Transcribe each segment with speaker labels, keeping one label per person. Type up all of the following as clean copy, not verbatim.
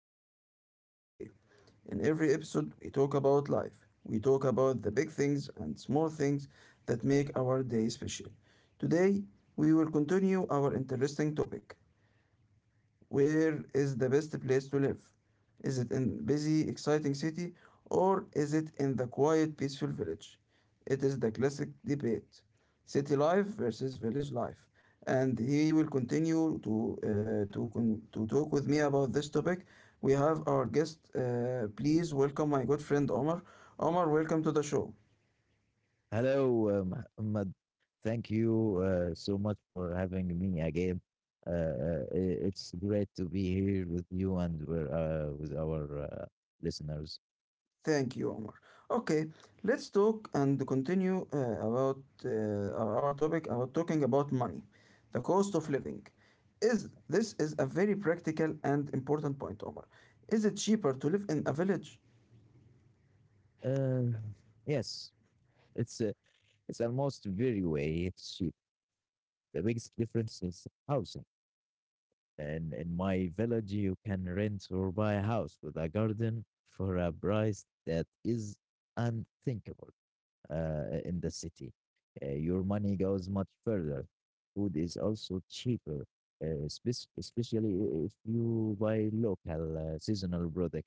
Speaker 1: you are joining us today. In every episode we talk about life. We talk about the big things and small things that make our day special. Today we will continue our interesting topic. Where is the best place to live? Is it in busy, exciting city, or is it in the quiet, peaceful village? It is the classic debate, city life versus village life. And he will continue to talk with me about this topic. We have our guest. Please welcome my good friend Omar. Omar, welcome to the show.
Speaker 2: Hello, Muhammad. Thank you so much for having me again. It's great to be here with you and with our listeners.
Speaker 1: Thank you, Omar. Okay, let's talk and continue about our topic about talking about money, the cost of living. Is this is a very practical and important point, Omar. Is it cheaper to live in a village?
Speaker 2: Uh, yes, it's uh, it's almost very way. It's cheap. The biggest difference is housing. And in my village, you can rent or buy a house with a garden for a price that is unthinkable in the city. Your money goes much further. Food is also cheaper, especially if you buy local seasonal product.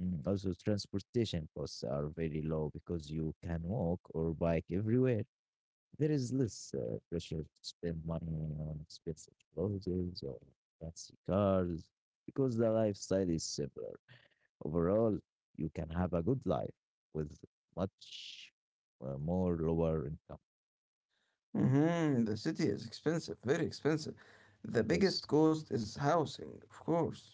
Speaker 2: Mm, also, transportation costs are very low because you can walk or bike everywhere. There is less pressure to spend money on expensive clothes or fancy cars because the lifestyle is similar. Overall, you can have a good life with much more lower income.
Speaker 1: Hmm, the city is expensive, very expensive. The
Speaker 2: Yes.
Speaker 1: biggest cost is housing, of course.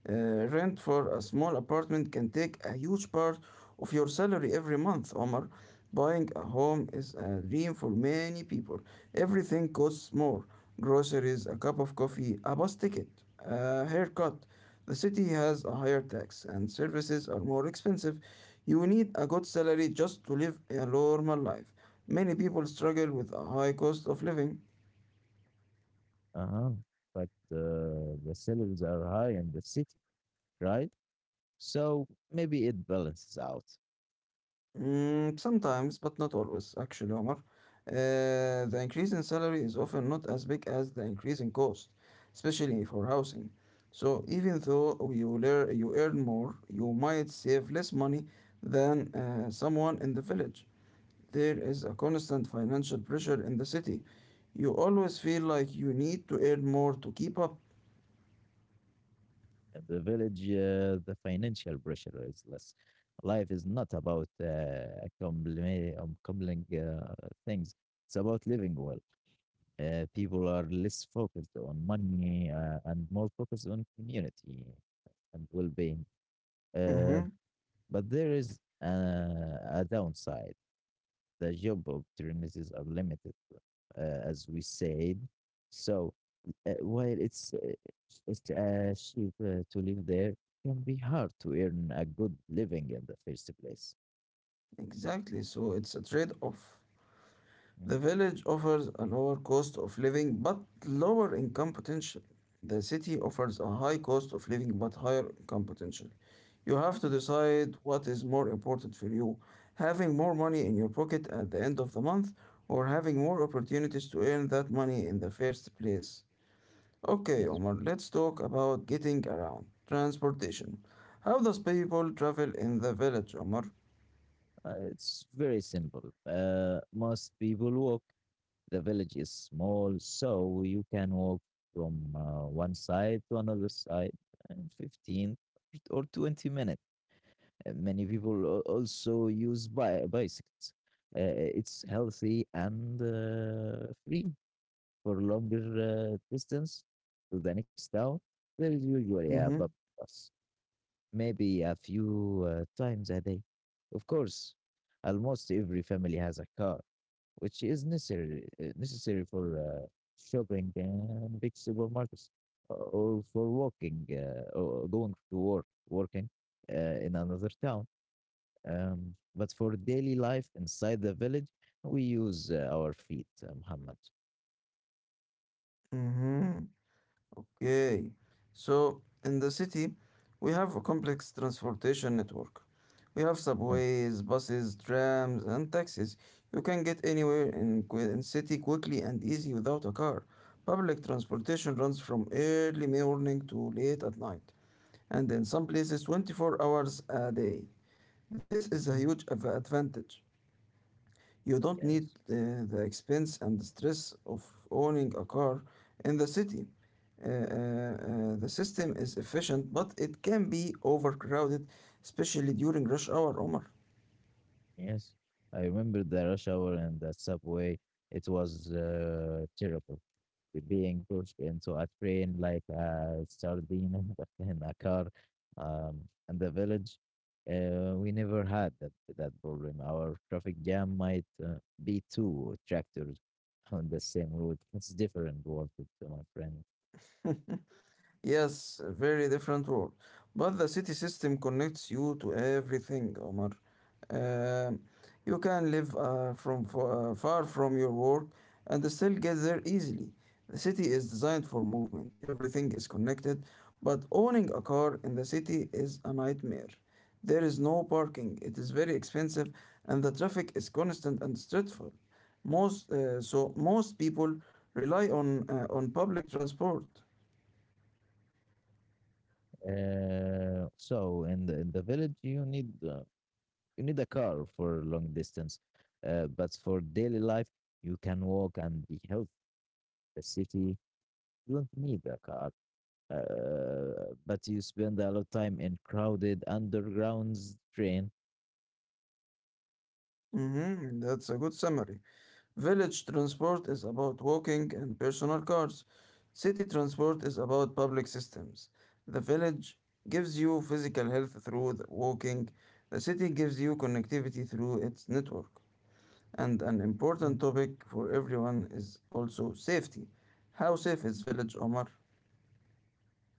Speaker 1: Rent for a small apartment can take a huge part of your salary every month, Omar. Buying a home is a dream for many people. Everything costs more: groceries, a cup of coffee, a bus ticket, a haircut. The city has a higher tax and services are more expensive. You need a good salary just to live a normal life. Many people struggle with a high cost of living.
Speaker 2: Uh-huh. But the salaries are high in the city, right? So maybe it balances out.
Speaker 1: Mm, sometimes, but not always, actually, Omar. The increase in salary is often not as big as the increase in cost, especially for housing. So even though you earn more, you might save less money than someone in the village. There is a constant financial pressure in the city. You always feel like you need to earn more to keep up.
Speaker 2: In the village, the financial pressure is less. Life is not about accumulating things. It's about living well. People are less focused on money and more focused on community and well-being. Uh,
Speaker 1: Mm-hmm.
Speaker 2: but there is a downside. The job opportunities are limited, as we said. So while it's cheap to live there, it can be hard to earn a good living in the first place.
Speaker 1: Exactly. So it's a trade-off.
Speaker 2: Mm.
Speaker 1: The village offers a lower cost of living but lower income potential. The city offers a high cost of living but higher income potential. You have to decide what is more important for you: having more money in your pocket at the end of the month, or having more opportunities to earn that money in the first place. Okay,
Speaker 2: Yes.
Speaker 1: Omar, let's talk about getting around. Transportation. How does people travel in the village, Omar?
Speaker 2: It's very simple. Most people walk. The village is small, so you can walk from one side to another side in 15 or 20 minutes. Many people also use bicycles. Uh, it's healthy and free for longer distance to the next town. There is usually a public
Speaker 1: Mm-hmm.
Speaker 2: bus, maybe a few times a day. Of course, almost every family has a car, which is necessary for shopping and big supermarkets, or for walking or going to work, working in another town. But for daily life inside the village, we use our feet, Muhammad.
Speaker 1: Mm-hmm. Okay, so in the city, we have a complex transportation network. We have subways, buses, trams, and taxis. You can get anywhere in city quickly and easy without a car. Public transportation runs from early morning to late at night, and in some places 24 hours a day. This is a
Speaker 2: Mhm.
Speaker 1: huge advantage. You don't need
Speaker 2: Yes,
Speaker 1: the expense and the stress of owning a car in the city. The system is efficient, but it can be overcrowded, especially during rush hour, Omar.
Speaker 2: yes. I remember the rush hour and the subway. It was terrible. We're being pushed into a train like a sardine in a car. Um, and the village, we never had that problem. Our traffic jam might be two tractors on the same route. It's different world, my friend.
Speaker 1: Yes, a very different world. But the city system connects you to everything, Omar. Um, you can live far from your work and still get there easily. The city is designed for movement. Everything is connected, but owning a car in the city is a nightmare. There is no parking. It is very expensive, and the traffic is constant and stressful. Most so most people rely on public transport.
Speaker 2: So in the village, you need a car for long distance, but for daily life, you can walk and be healthy. The city you don't need a car, but you spend a lot of time in crowded underground train.
Speaker 1: Mhm, that's a good summary. Village transport is about walking and personal cars. City transport is about public systems. The village gives you physical health through the walking. The city gives you connectivity through its network. And an
Speaker 2: Mm.
Speaker 1: important topic for everyone is also safety. How safe is village, Omar?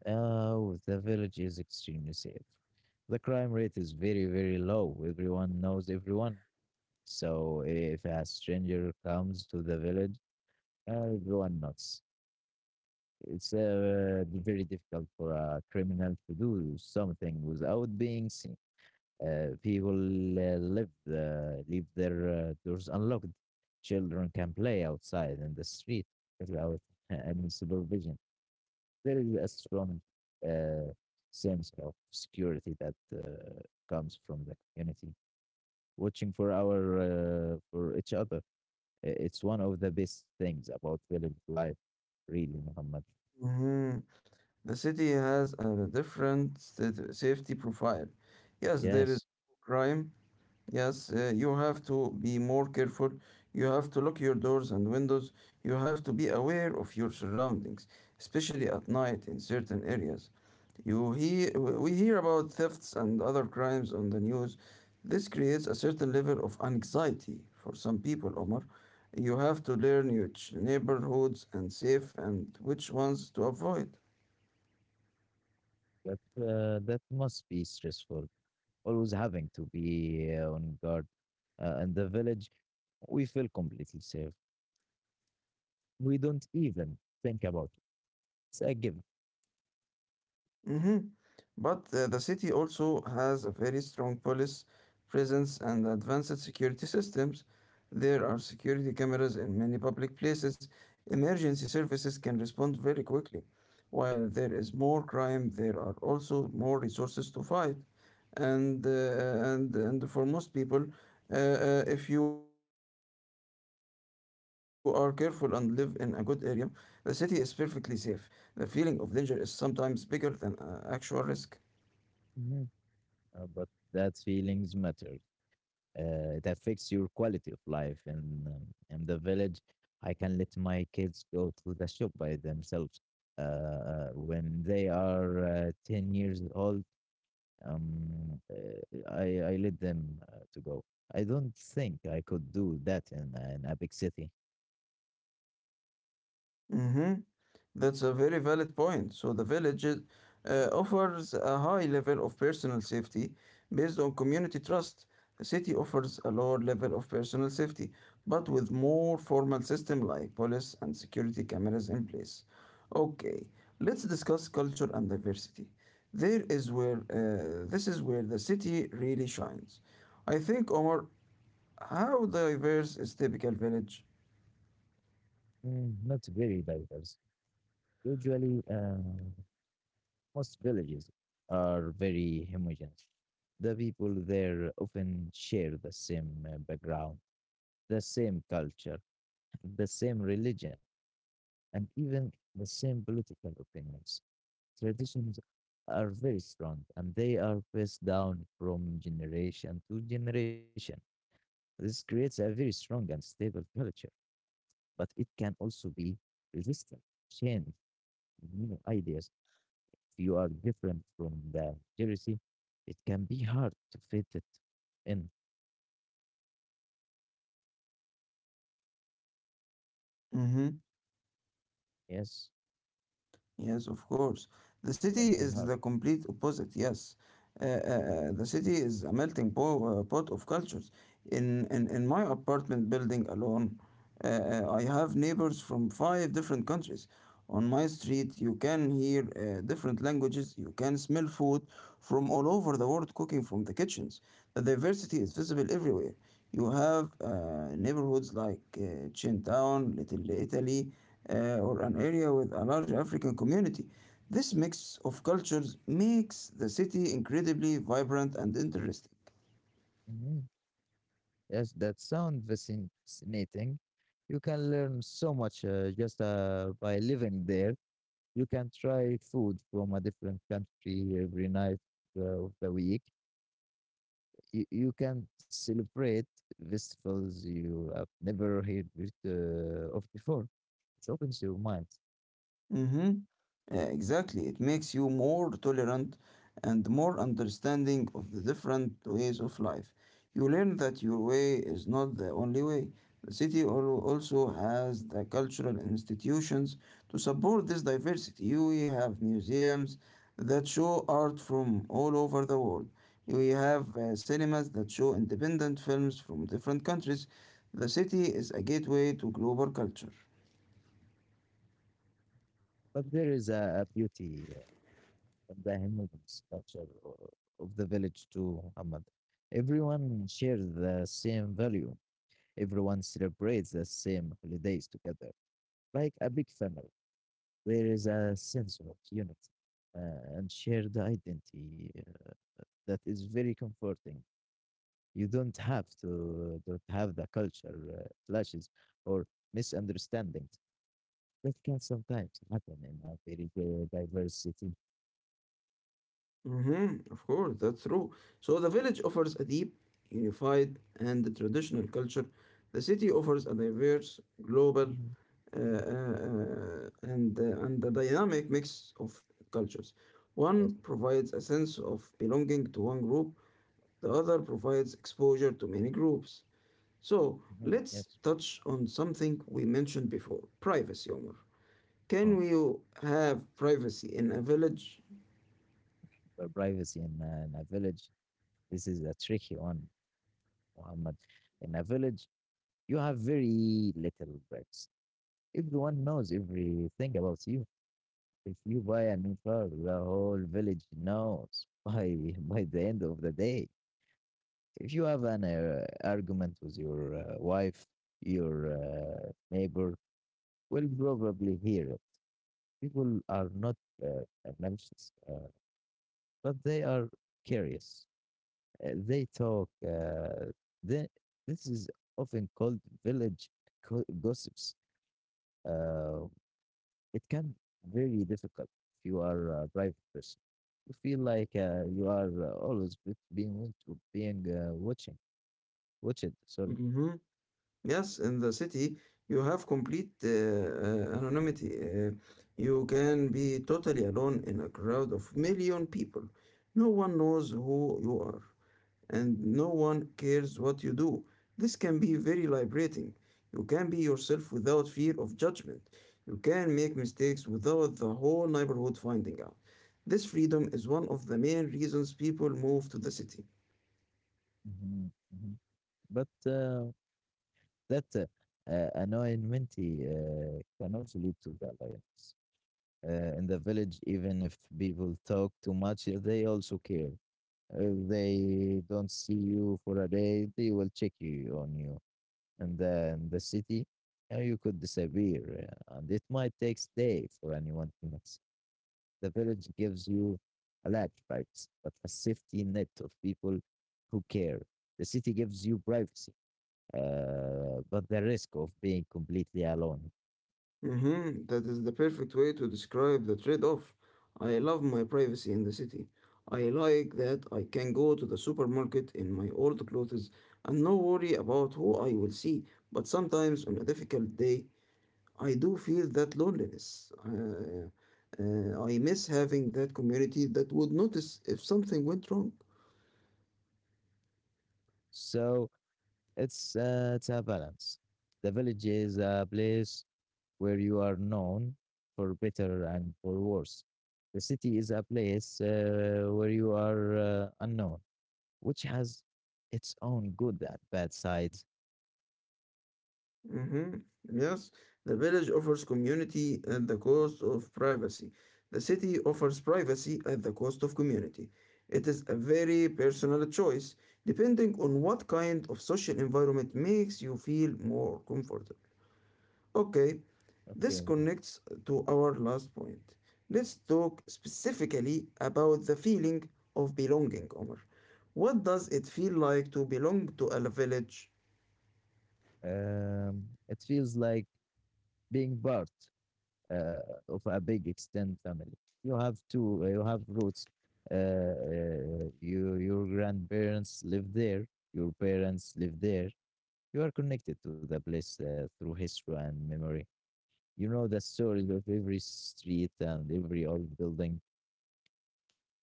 Speaker 2: The village is extremely safe. The crime rate is very very low. Everyone knows everyone. So if a stranger comes to the village, everyone knows. It's very difficult for a criminal to do something without being seen. People live leave their doors unlocked. Children can play outside in the street without any supervision. There is a strong uh, sense of security that comes from the community watching for our for each other. It's one of the best things about village life, really, Muhammad.
Speaker 1: Hmm. The city has a different safety profile. Yes, there is
Speaker 2: Yes,
Speaker 1: crime. Yes, you have to be more careful. You have to lock your doors and windows. You have to be aware of your surroundings, especially at night in certain areas. You hear, we hear about thefts and other crimes on the news. This creates a certain level of anxiety for some people, Omar. You have to learn which neighborhoods and safe and which ones to avoid.
Speaker 2: That must be stressful. Always having to be on guard. In the village, we feel completely safe. We don't even think about it. It's a given.
Speaker 1: Mm-hmm. But the city also has a very strong police presence and advanced security systems. There are security cameras in many public places. Emergency services can respond very quickly. While there is more crime, there are also more resources to fight. And for most people, if you are careful and live in a good area, the city is perfectly safe. The feeling of danger is sometimes bigger than actual risk.
Speaker 2: Mhm. But that feelings matters. It affects your quality of life. And in the village, I can let my kids go to the shop by themselves. When they are 10 years old, I let them to go. I don't think I could do that in an epic city.
Speaker 1: Mm-hmm. That's a very valid point. So the village offers a high level of personal safety based on community trust. The city offers a lower level of personal safety, but with more formal system like police and security cameras in place. Okay, let's discuss culture and diversity. There is where this is where the city really shines. I think, Omar, how diverse is typical village?
Speaker 2: Mm, not very diverse. Usually, most villages are very homogeneous. The people there often share the same background, the same culture, the same religion, and even the same political opinions. Traditions are very strong, and they are passed down from generation to generation. This creates a very strong and stable culture, but it can also be resistant, change new ideas. If you are different from the majority, it can be hard to fit it in. Yes,
Speaker 1: Yes, of course. The
Speaker 2: it
Speaker 1: city
Speaker 2: can be
Speaker 1: is
Speaker 2: hard.
Speaker 1: the complete opposite, yes. The city is a melting pot of cultures. In my apartment building alone, I have neighbors from five different countries. On my street, you can hear different languages, you can smell food from all over the world cooking from the kitchens. The diversity is visible everywhere. You have neighborhoods like Chinatown, Little Italy, or an area with a large African community. This mix of cultures makes the city incredibly vibrant and interesting.
Speaker 2: Mhm. Yes, that sound fascinating. You can learn so much just by living there. You can try food from a different country every night of the week. You you, can celebrate festivals you have never heard with, of before. It opens your mind.
Speaker 1: Mm-hmm. Exactly. It makes you more tolerant and more understanding of the different ways of life. You learn that your way is not the only way. The city also has the cultural institutions to support this diversity. We have museums that show art from all over the world. We have cinemas that show independent films from different countries. The city is a gateway to global culture.
Speaker 2: But there is a beauty of the Himmel's culture of the village too, Muhammad. Everyone shares the same value. Everyone celebrates the same holidays together, like a big family. There is a sense of unity and shared identity that is very comforting. You don't have the culture clashes or misunderstandings that can sometimes happen in a very diverse city.
Speaker 1: Mm-hmm, of course, that's true. So the village offers a deep, unified, and traditional culture. The city offers a diverse, global,
Speaker 2: Mhm,
Speaker 1: uh, uh,
Speaker 2: mhm,
Speaker 1: uh, and uh, and a dynamic mix of cultures. One
Speaker 2: yes,
Speaker 1: provides a sense of belonging to one group. The other provides exposure to many groups. So
Speaker 2: mhm,
Speaker 1: let's
Speaker 2: yes.
Speaker 1: touch on something we mentioned before: privacy, Omar. Can
Speaker 2: Oh,
Speaker 1: we have privacy in a village?
Speaker 2: but privacy in a village, this is a tricky one, Muhammad. In a village, you have very little rights. Everyone knows everything about you. If you buy a new car, the whole village knows by by the end of the day. If you have an argument with your wife, your neighbor will probably hear it. People are not uh, malicious, but they are curious. They talk. They, this is often called village gossips. Uh, it can be very difficult if you are a private person. You feel like you are always be- being watched- being watching watched. Sorry.
Speaker 1: Mm-hmm. Yes, in the city, you have complete anonymity. You can be totally alone in a crowd of million people. No one knows who you are, and no one cares what you do. This can be very liberating. You can be yourself without fear of judgment. You can make mistakes without the whole neighborhood finding out. This freedom is one of the main reasons people move to the city.
Speaker 2: Mm-hmm. But that annoyment can also lead to the alliance. In the village, even if people talk too much, they also care. If they don't see you for a day, they will check you on you. And then the city, you could disappear, and it might take day for anyone to notice. The village gives you a lot of rights, but a safety net of people who care. The city gives you privacy but the risk of being completely alone.
Speaker 1: Mhm. That is the perfect way to describe the trade-off. I love my privacy in the city. I like that I can go to the supermarket in my old clothes and no worry about who I will see. But sometimes on a difficult day, I do feel that loneliness. I miss having that community that would notice if something went wrong.
Speaker 2: So it's a balance. The village is a place where you are known for better and for worse. The city is a place where you are unknown, which has its own good and bad sides.
Speaker 1: Mhm. Yes, the village offers community at the cost of privacy. The city offers privacy at the cost of community. It is a very personal choice, depending on what kind of social environment makes you feel more comfortable. Okay, this
Speaker 2: Okay.
Speaker 1: connects to our last point. Let's talk specifically about the feeling of belonging, Omar. What does it feel like to belong to a village?
Speaker 2: Um, it feels like being part uh, of a big extended family. You have roots. Your grandparents live there, your parents live there. You are connected to the place through history and memory. You know the story of every street and every old building.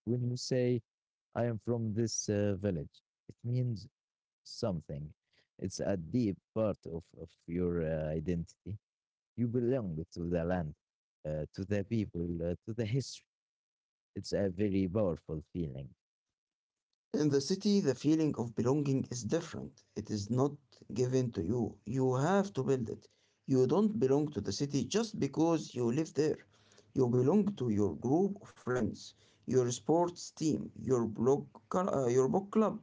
Speaker 2: When you say, I am from this village, it means something. It's a deep part of your identity. You belong to the land, to the people, to the history. It's a very powerful feeling,
Speaker 1: In the city, the feeling of belonging is different. It is not given to you. You have to build it. You don't belong to the city just because you live there. You belong to your group of friends, your sports team, your blog, your book club,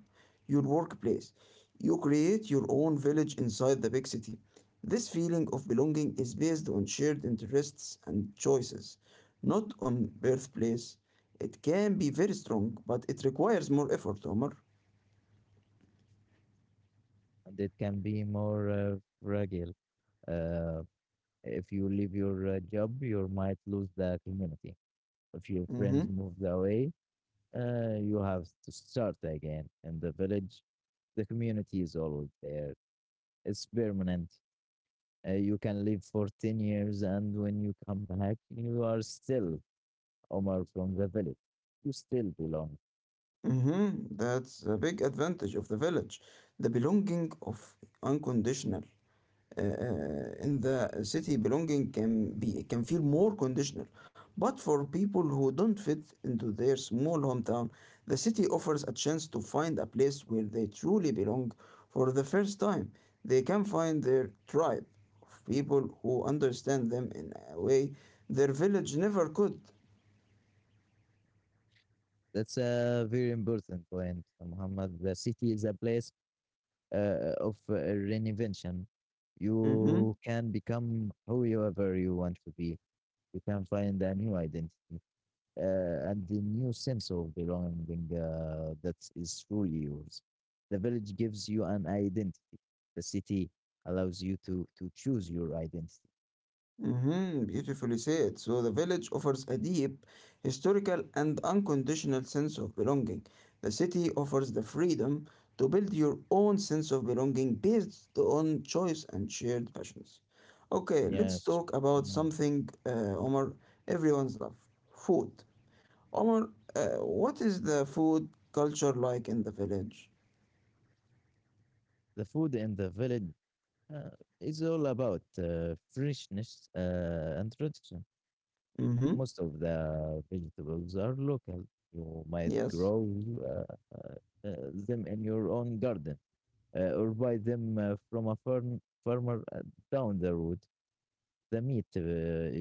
Speaker 1: your workplace. You create your own village inside the big city. This feeling of belonging is based on shared interests and choices, not on birthplace. It can be very strong, but it requires more effort, Omar.
Speaker 2: and it can be more fragile. Uh, if you leave your job, you might lose the community. If your friends
Speaker 1: Mm-hmm.
Speaker 2: move away, you have to start again. In the village, the community is always there. It's permanent. You can live for 10 years, and when you come back, you are still Omar from the village. You still belong.
Speaker 1: Mm-hmm. That's a big advantage of the village. The belonging of unconditional. In the city belonging can feel more conditional, but for people who don't fit into their small hometown, the city offers a chance to find a place where they truly belong for the first time. They can find their tribe of people who understand them in a way their village never could.
Speaker 2: That's a very important point, Muhammad. The city is a place of reinvention.
Speaker 1: Mhm.
Speaker 2: You can become whoever you want to be. You can find a new identity and the new sense of belonging that is truly yours. The village gives you an identity. The city allows you to choose your identity.
Speaker 1: Mhm, beautifully said. So the village offers a deep, historical, and unconditional sense of belonging. The city offers the freedom to build your own sense of belonging based on choice and shared passions. Okay, let's
Speaker 2: Yes.
Speaker 1: talk about
Speaker 2: Mhm.
Speaker 1: something, Omar, everyone's love food. Omar, what is the food culture like in the village?
Speaker 2: The food in the village uh, is all about freshness and tradition.
Speaker 1: Mm-hmm.
Speaker 2: Most of the vegetables are local. You might
Speaker 1: Yes.
Speaker 2: grow uh, uh, uh, them in your own garden or buy them from a farmer down the road. The meat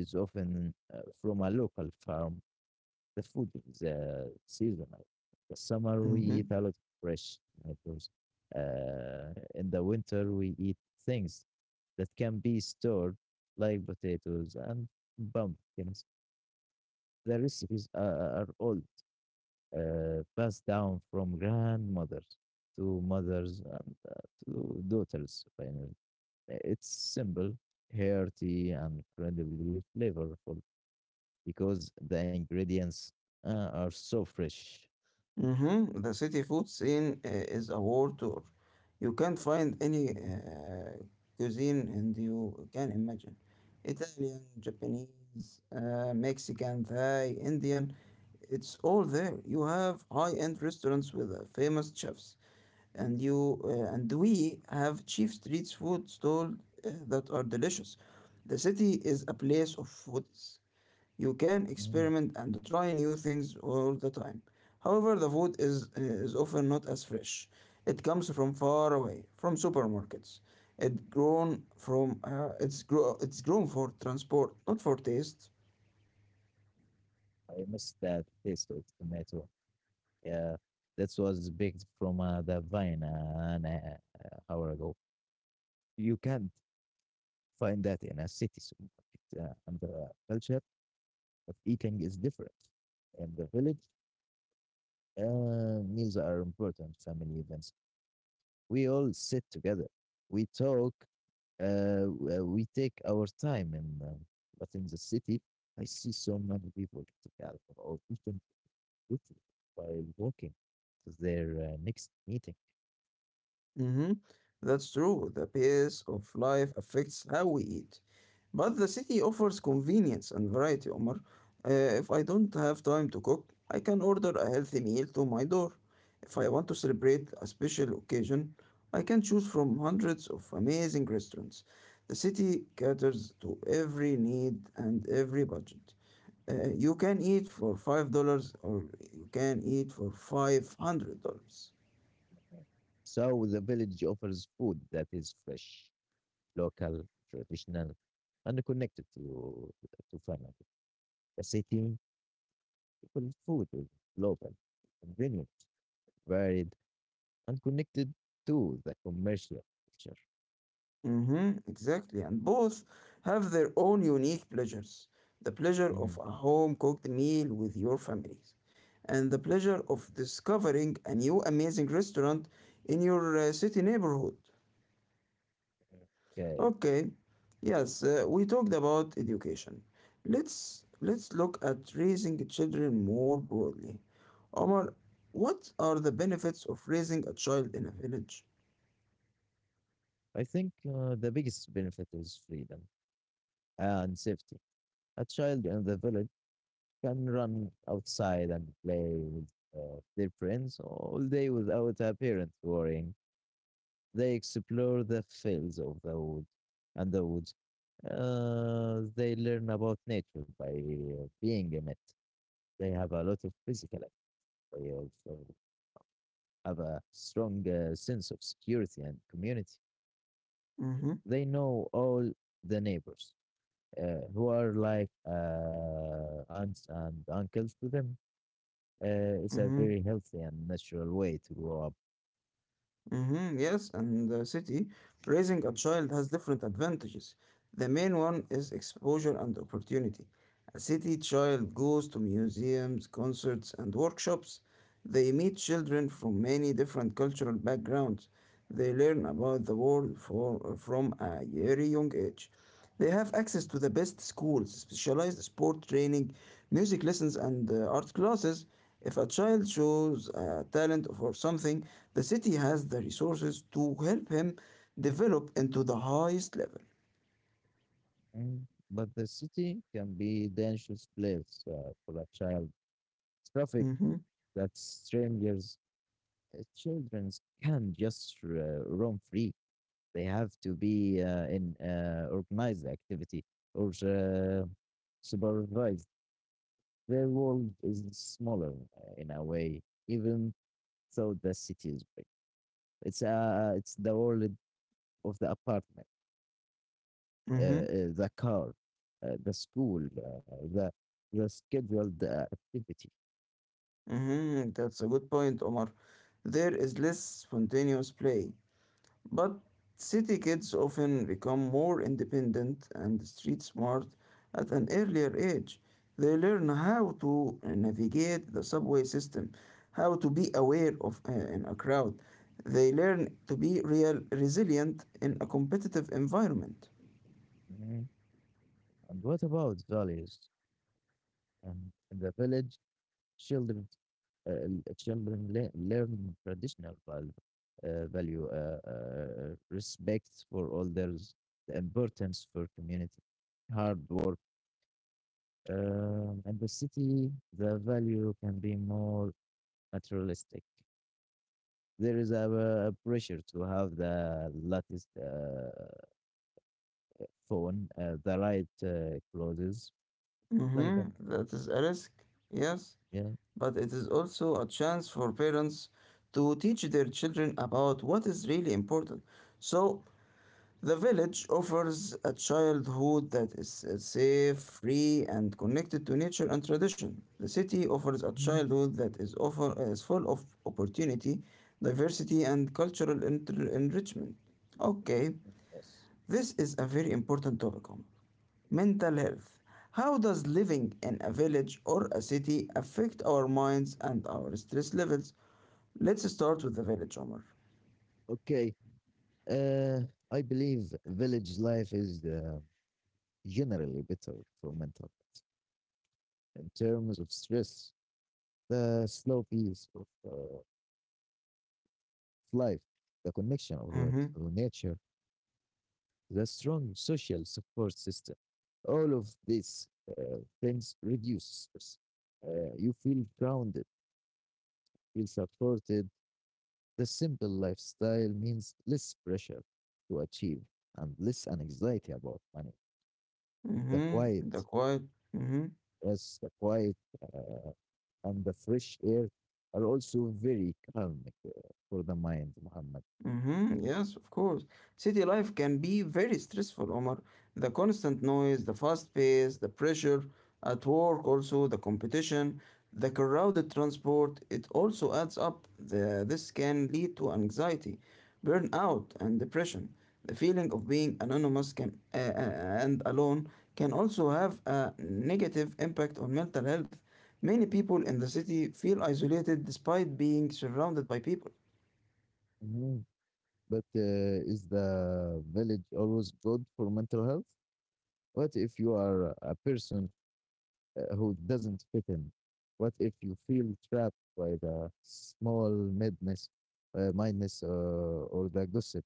Speaker 2: is often from a local farm. The food is seasonal. The summer we eat a
Speaker 1: Mm-hmm.
Speaker 2: lot of fresh tomatoes. In the winter we eat things that can be stored, like potatoes and pumpkins. The recipes are all passed down from grandmothers to mothers and to daughters. Finally, uh, it's simple, hearty, and incredibly flavorful because the ingredients are so fresh.
Speaker 1: Mhm. The city food scene is a world tour. You can't find
Speaker 2: Mhm.
Speaker 1: any cuisine and you can imagine. Italian, Japanese, Mexican, Thai, Indian, it's all there. You have high-end restaurants with famous chefs, and we have cheap street food stalls that are delicious. The city is a place of foods. You can
Speaker 2: Mhm.
Speaker 1: experiment and try new things all the time. However, the food is often not as fresh. It comes from far away, from supermarkets. It grown from it's grow it's grown for transport, not for taste.
Speaker 2: I miss that taste of tomato. Yeah, that was baked from the vine an hour ago. You can't find that in a city supermarket and the culture but eating is different. In the village, meals are important family events. We all sit together. We talk. We take our time. And But in the city, I see so many people get together or even quickly by walking to their next meeting.
Speaker 1: Mm-hmm. That's true. The pace of life affects how we eat. But the city offers convenience and variety, Omar. If I don't have time to cook, I can order a healthy meal to my door. If I want to celebrate a special occasion, I can choose from hundreds of amazing restaurants. The city caters to every need and every budget. You can eat for $5 or you can eat for $500.
Speaker 2: So the village offers food that is fresh, local, traditional, and connected to family. The city because food is local, convenient, varied, and connected to the commercial culture.
Speaker 1: Mm-hmm, exactly. And both have their own unique pleasures. The pleasure of
Speaker 2: Mhm.
Speaker 1: a home cooked meal with your families, and the pleasure of discovering a new amazing restaurant in your city neighborhood.
Speaker 2: Okay.
Speaker 1: Okay, yes, we talked about education. Let's look at raising children more broadly. Omar, what are the benefits of raising a child in a village?
Speaker 2: I think the biggest benefit is freedom and safety. A child in the village can run outside and play with their friends all day without a parent worrying. They explore the fields of the wood and the woods. They learn about nature by being in it. They have a lot of physical will have a strong sense of security and community.
Speaker 1: Mm-hmm,
Speaker 2: They know all the neighbors who are like aunts and uncles to them. It's a
Speaker 1: mm-hmm.
Speaker 2: very healthy and natural way to grow up.
Speaker 1: Mm-hmm, yes, and the city, raising a child has different advantages. The main one is exposure and opportunity. A city child goes to museums, concerts, and workshops. They meet children from many different cultural backgrounds. They learn about the world from a very young age. They have access to the best schools, specialized sport training, music lessons, and art classes. If a child shows a talent for something, the city has the resources to help him develop into the highest level.
Speaker 2: Mm, but the city can be dangerous place for a child. Traffic that strangers, children can just roam free. They have to be in organized activity or supervised. Their world is smaller in a way, even though the city is big. It's the world of the apartment,
Speaker 1: Mm-hmm.
Speaker 2: the car, the school, the scheduled activity.
Speaker 1: Mhm, that's a good point, Omar. There is less spontaneous play, but city kids often become more independent and street smart at an earlier age. They learn how to navigate the subway system, how to be aware of in a crowd. They learn to be real resilient in a competitive environment.
Speaker 2: Mhm. And what about values in the village? Children, l- children le learn traditional value, respect for elders, the importance for community, hard work. And the city, the value can be more materialistic. There is pressure to have the latest phone, the right clothes, like that.
Speaker 1: Mm-hmm, that is a risk, yes.
Speaker 2: Yeah.
Speaker 1: But it is also a chance for parents to teach their children about what is really important. So, the village offers a childhood that is safe, free, and connected to nature and tradition. The city offers a
Speaker 2: Mhm.
Speaker 1: childhood that is full of opportunity, diversity, and cultural enrichment. Okay,
Speaker 2: Yes.
Speaker 1: this is a very important topic. Mental health. How does living in a village or a city affect our minds and our stress levels? Let's start with the village, Omar.
Speaker 2: Okay. Uh, I believe village life is the generally better for mental health. In terms of stress, the slow pace of life, the connection
Speaker 1: Mm-hmm.
Speaker 2: to nature, the strong social support system, all of these things reduce stress. You feel grounded, feel supported. The simple lifestyle means less pressure to achieve and less anxiety about money. The quiet,
Speaker 1: Mm-hmm. The quiet. Mm-hmm.
Speaker 2: yes, the quiet uh, and the fresh air are also very calming for the mind, Muhammad.
Speaker 1: Mm-hmm. Yes, of course. City life can be very stressful, Omar. The constant noise, the fast pace, the pressure at work, also the competition, the crowded transport, it also adds up. This can lead to anxiety, burnout, and depression. The feeling of being anonymous can and alone can also have a negative impact on mental health. Many people in the city feel isolated despite being surrounded by people.
Speaker 2: Mhm. But is the village always good for mental health? What if you are a person who doesn't fit in? What if you feel trapped by the small madness, mindness, or the gossip?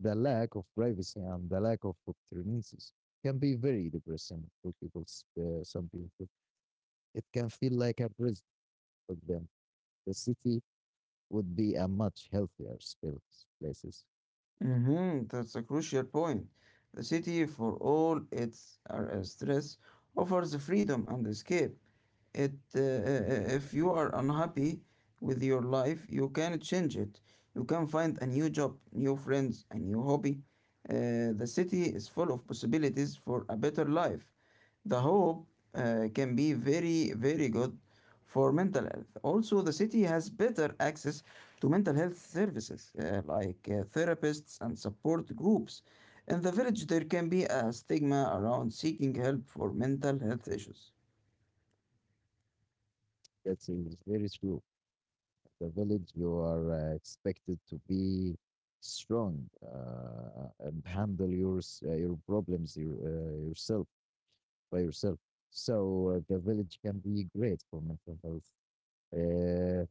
Speaker 2: The lack of privacy and the lack of opportunities can be very depressing for people. Some people, it can feel like a prison for them. The city would be a much healthier space, places.
Speaker 1: Mhm, that's a crucial point. The city, for all its stress, offers freedom and escape. If you are unhappy with your life, you can change it. You can find a new job, new friends, a new hobby. The city is full of possibilities for a better life. The hope can be very, very good for mental health. Also, the city has better access to mental health services like therapists and support groups. In the village, there can be a stigma around seeking help for mental health issues.
Speaker 2: That is very true. The village, you are expected to be strong and handle your your problems yourself by yourself. So the village can be great for mental health. Uh,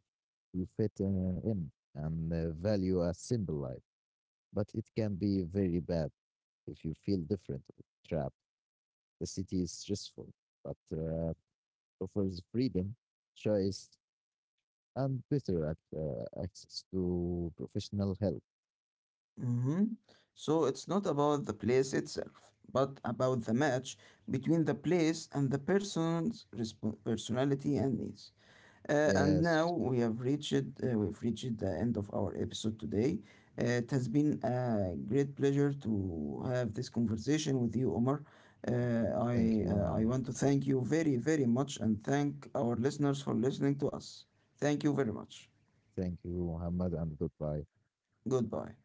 Speaker 2: you fit in and value a simple life, but it can be very bad if you feel different or trapped. The city is stressful, but offers freedom choice and better access to professional help.
Speaker 1: Hmm. So it's not about the place itself, but about the match between the place and the person's personality and needs. And
Speaker 2: Yes.
Speaker 1: now we have reached we've reached the end of our episode today. It has been a great pleasure to have this conversation with you, Omar. Uh, I
Speaker 2: Thank you,
Speaker 1: uh, I
Speaker 2: Muhammad.
Speaker 1: want to thank you very much and thank our listeners for listening to us. Thank you very much.
Speaker 2: Thank you, Muhammad, and goodbye.
Speaker 1: Goodbye.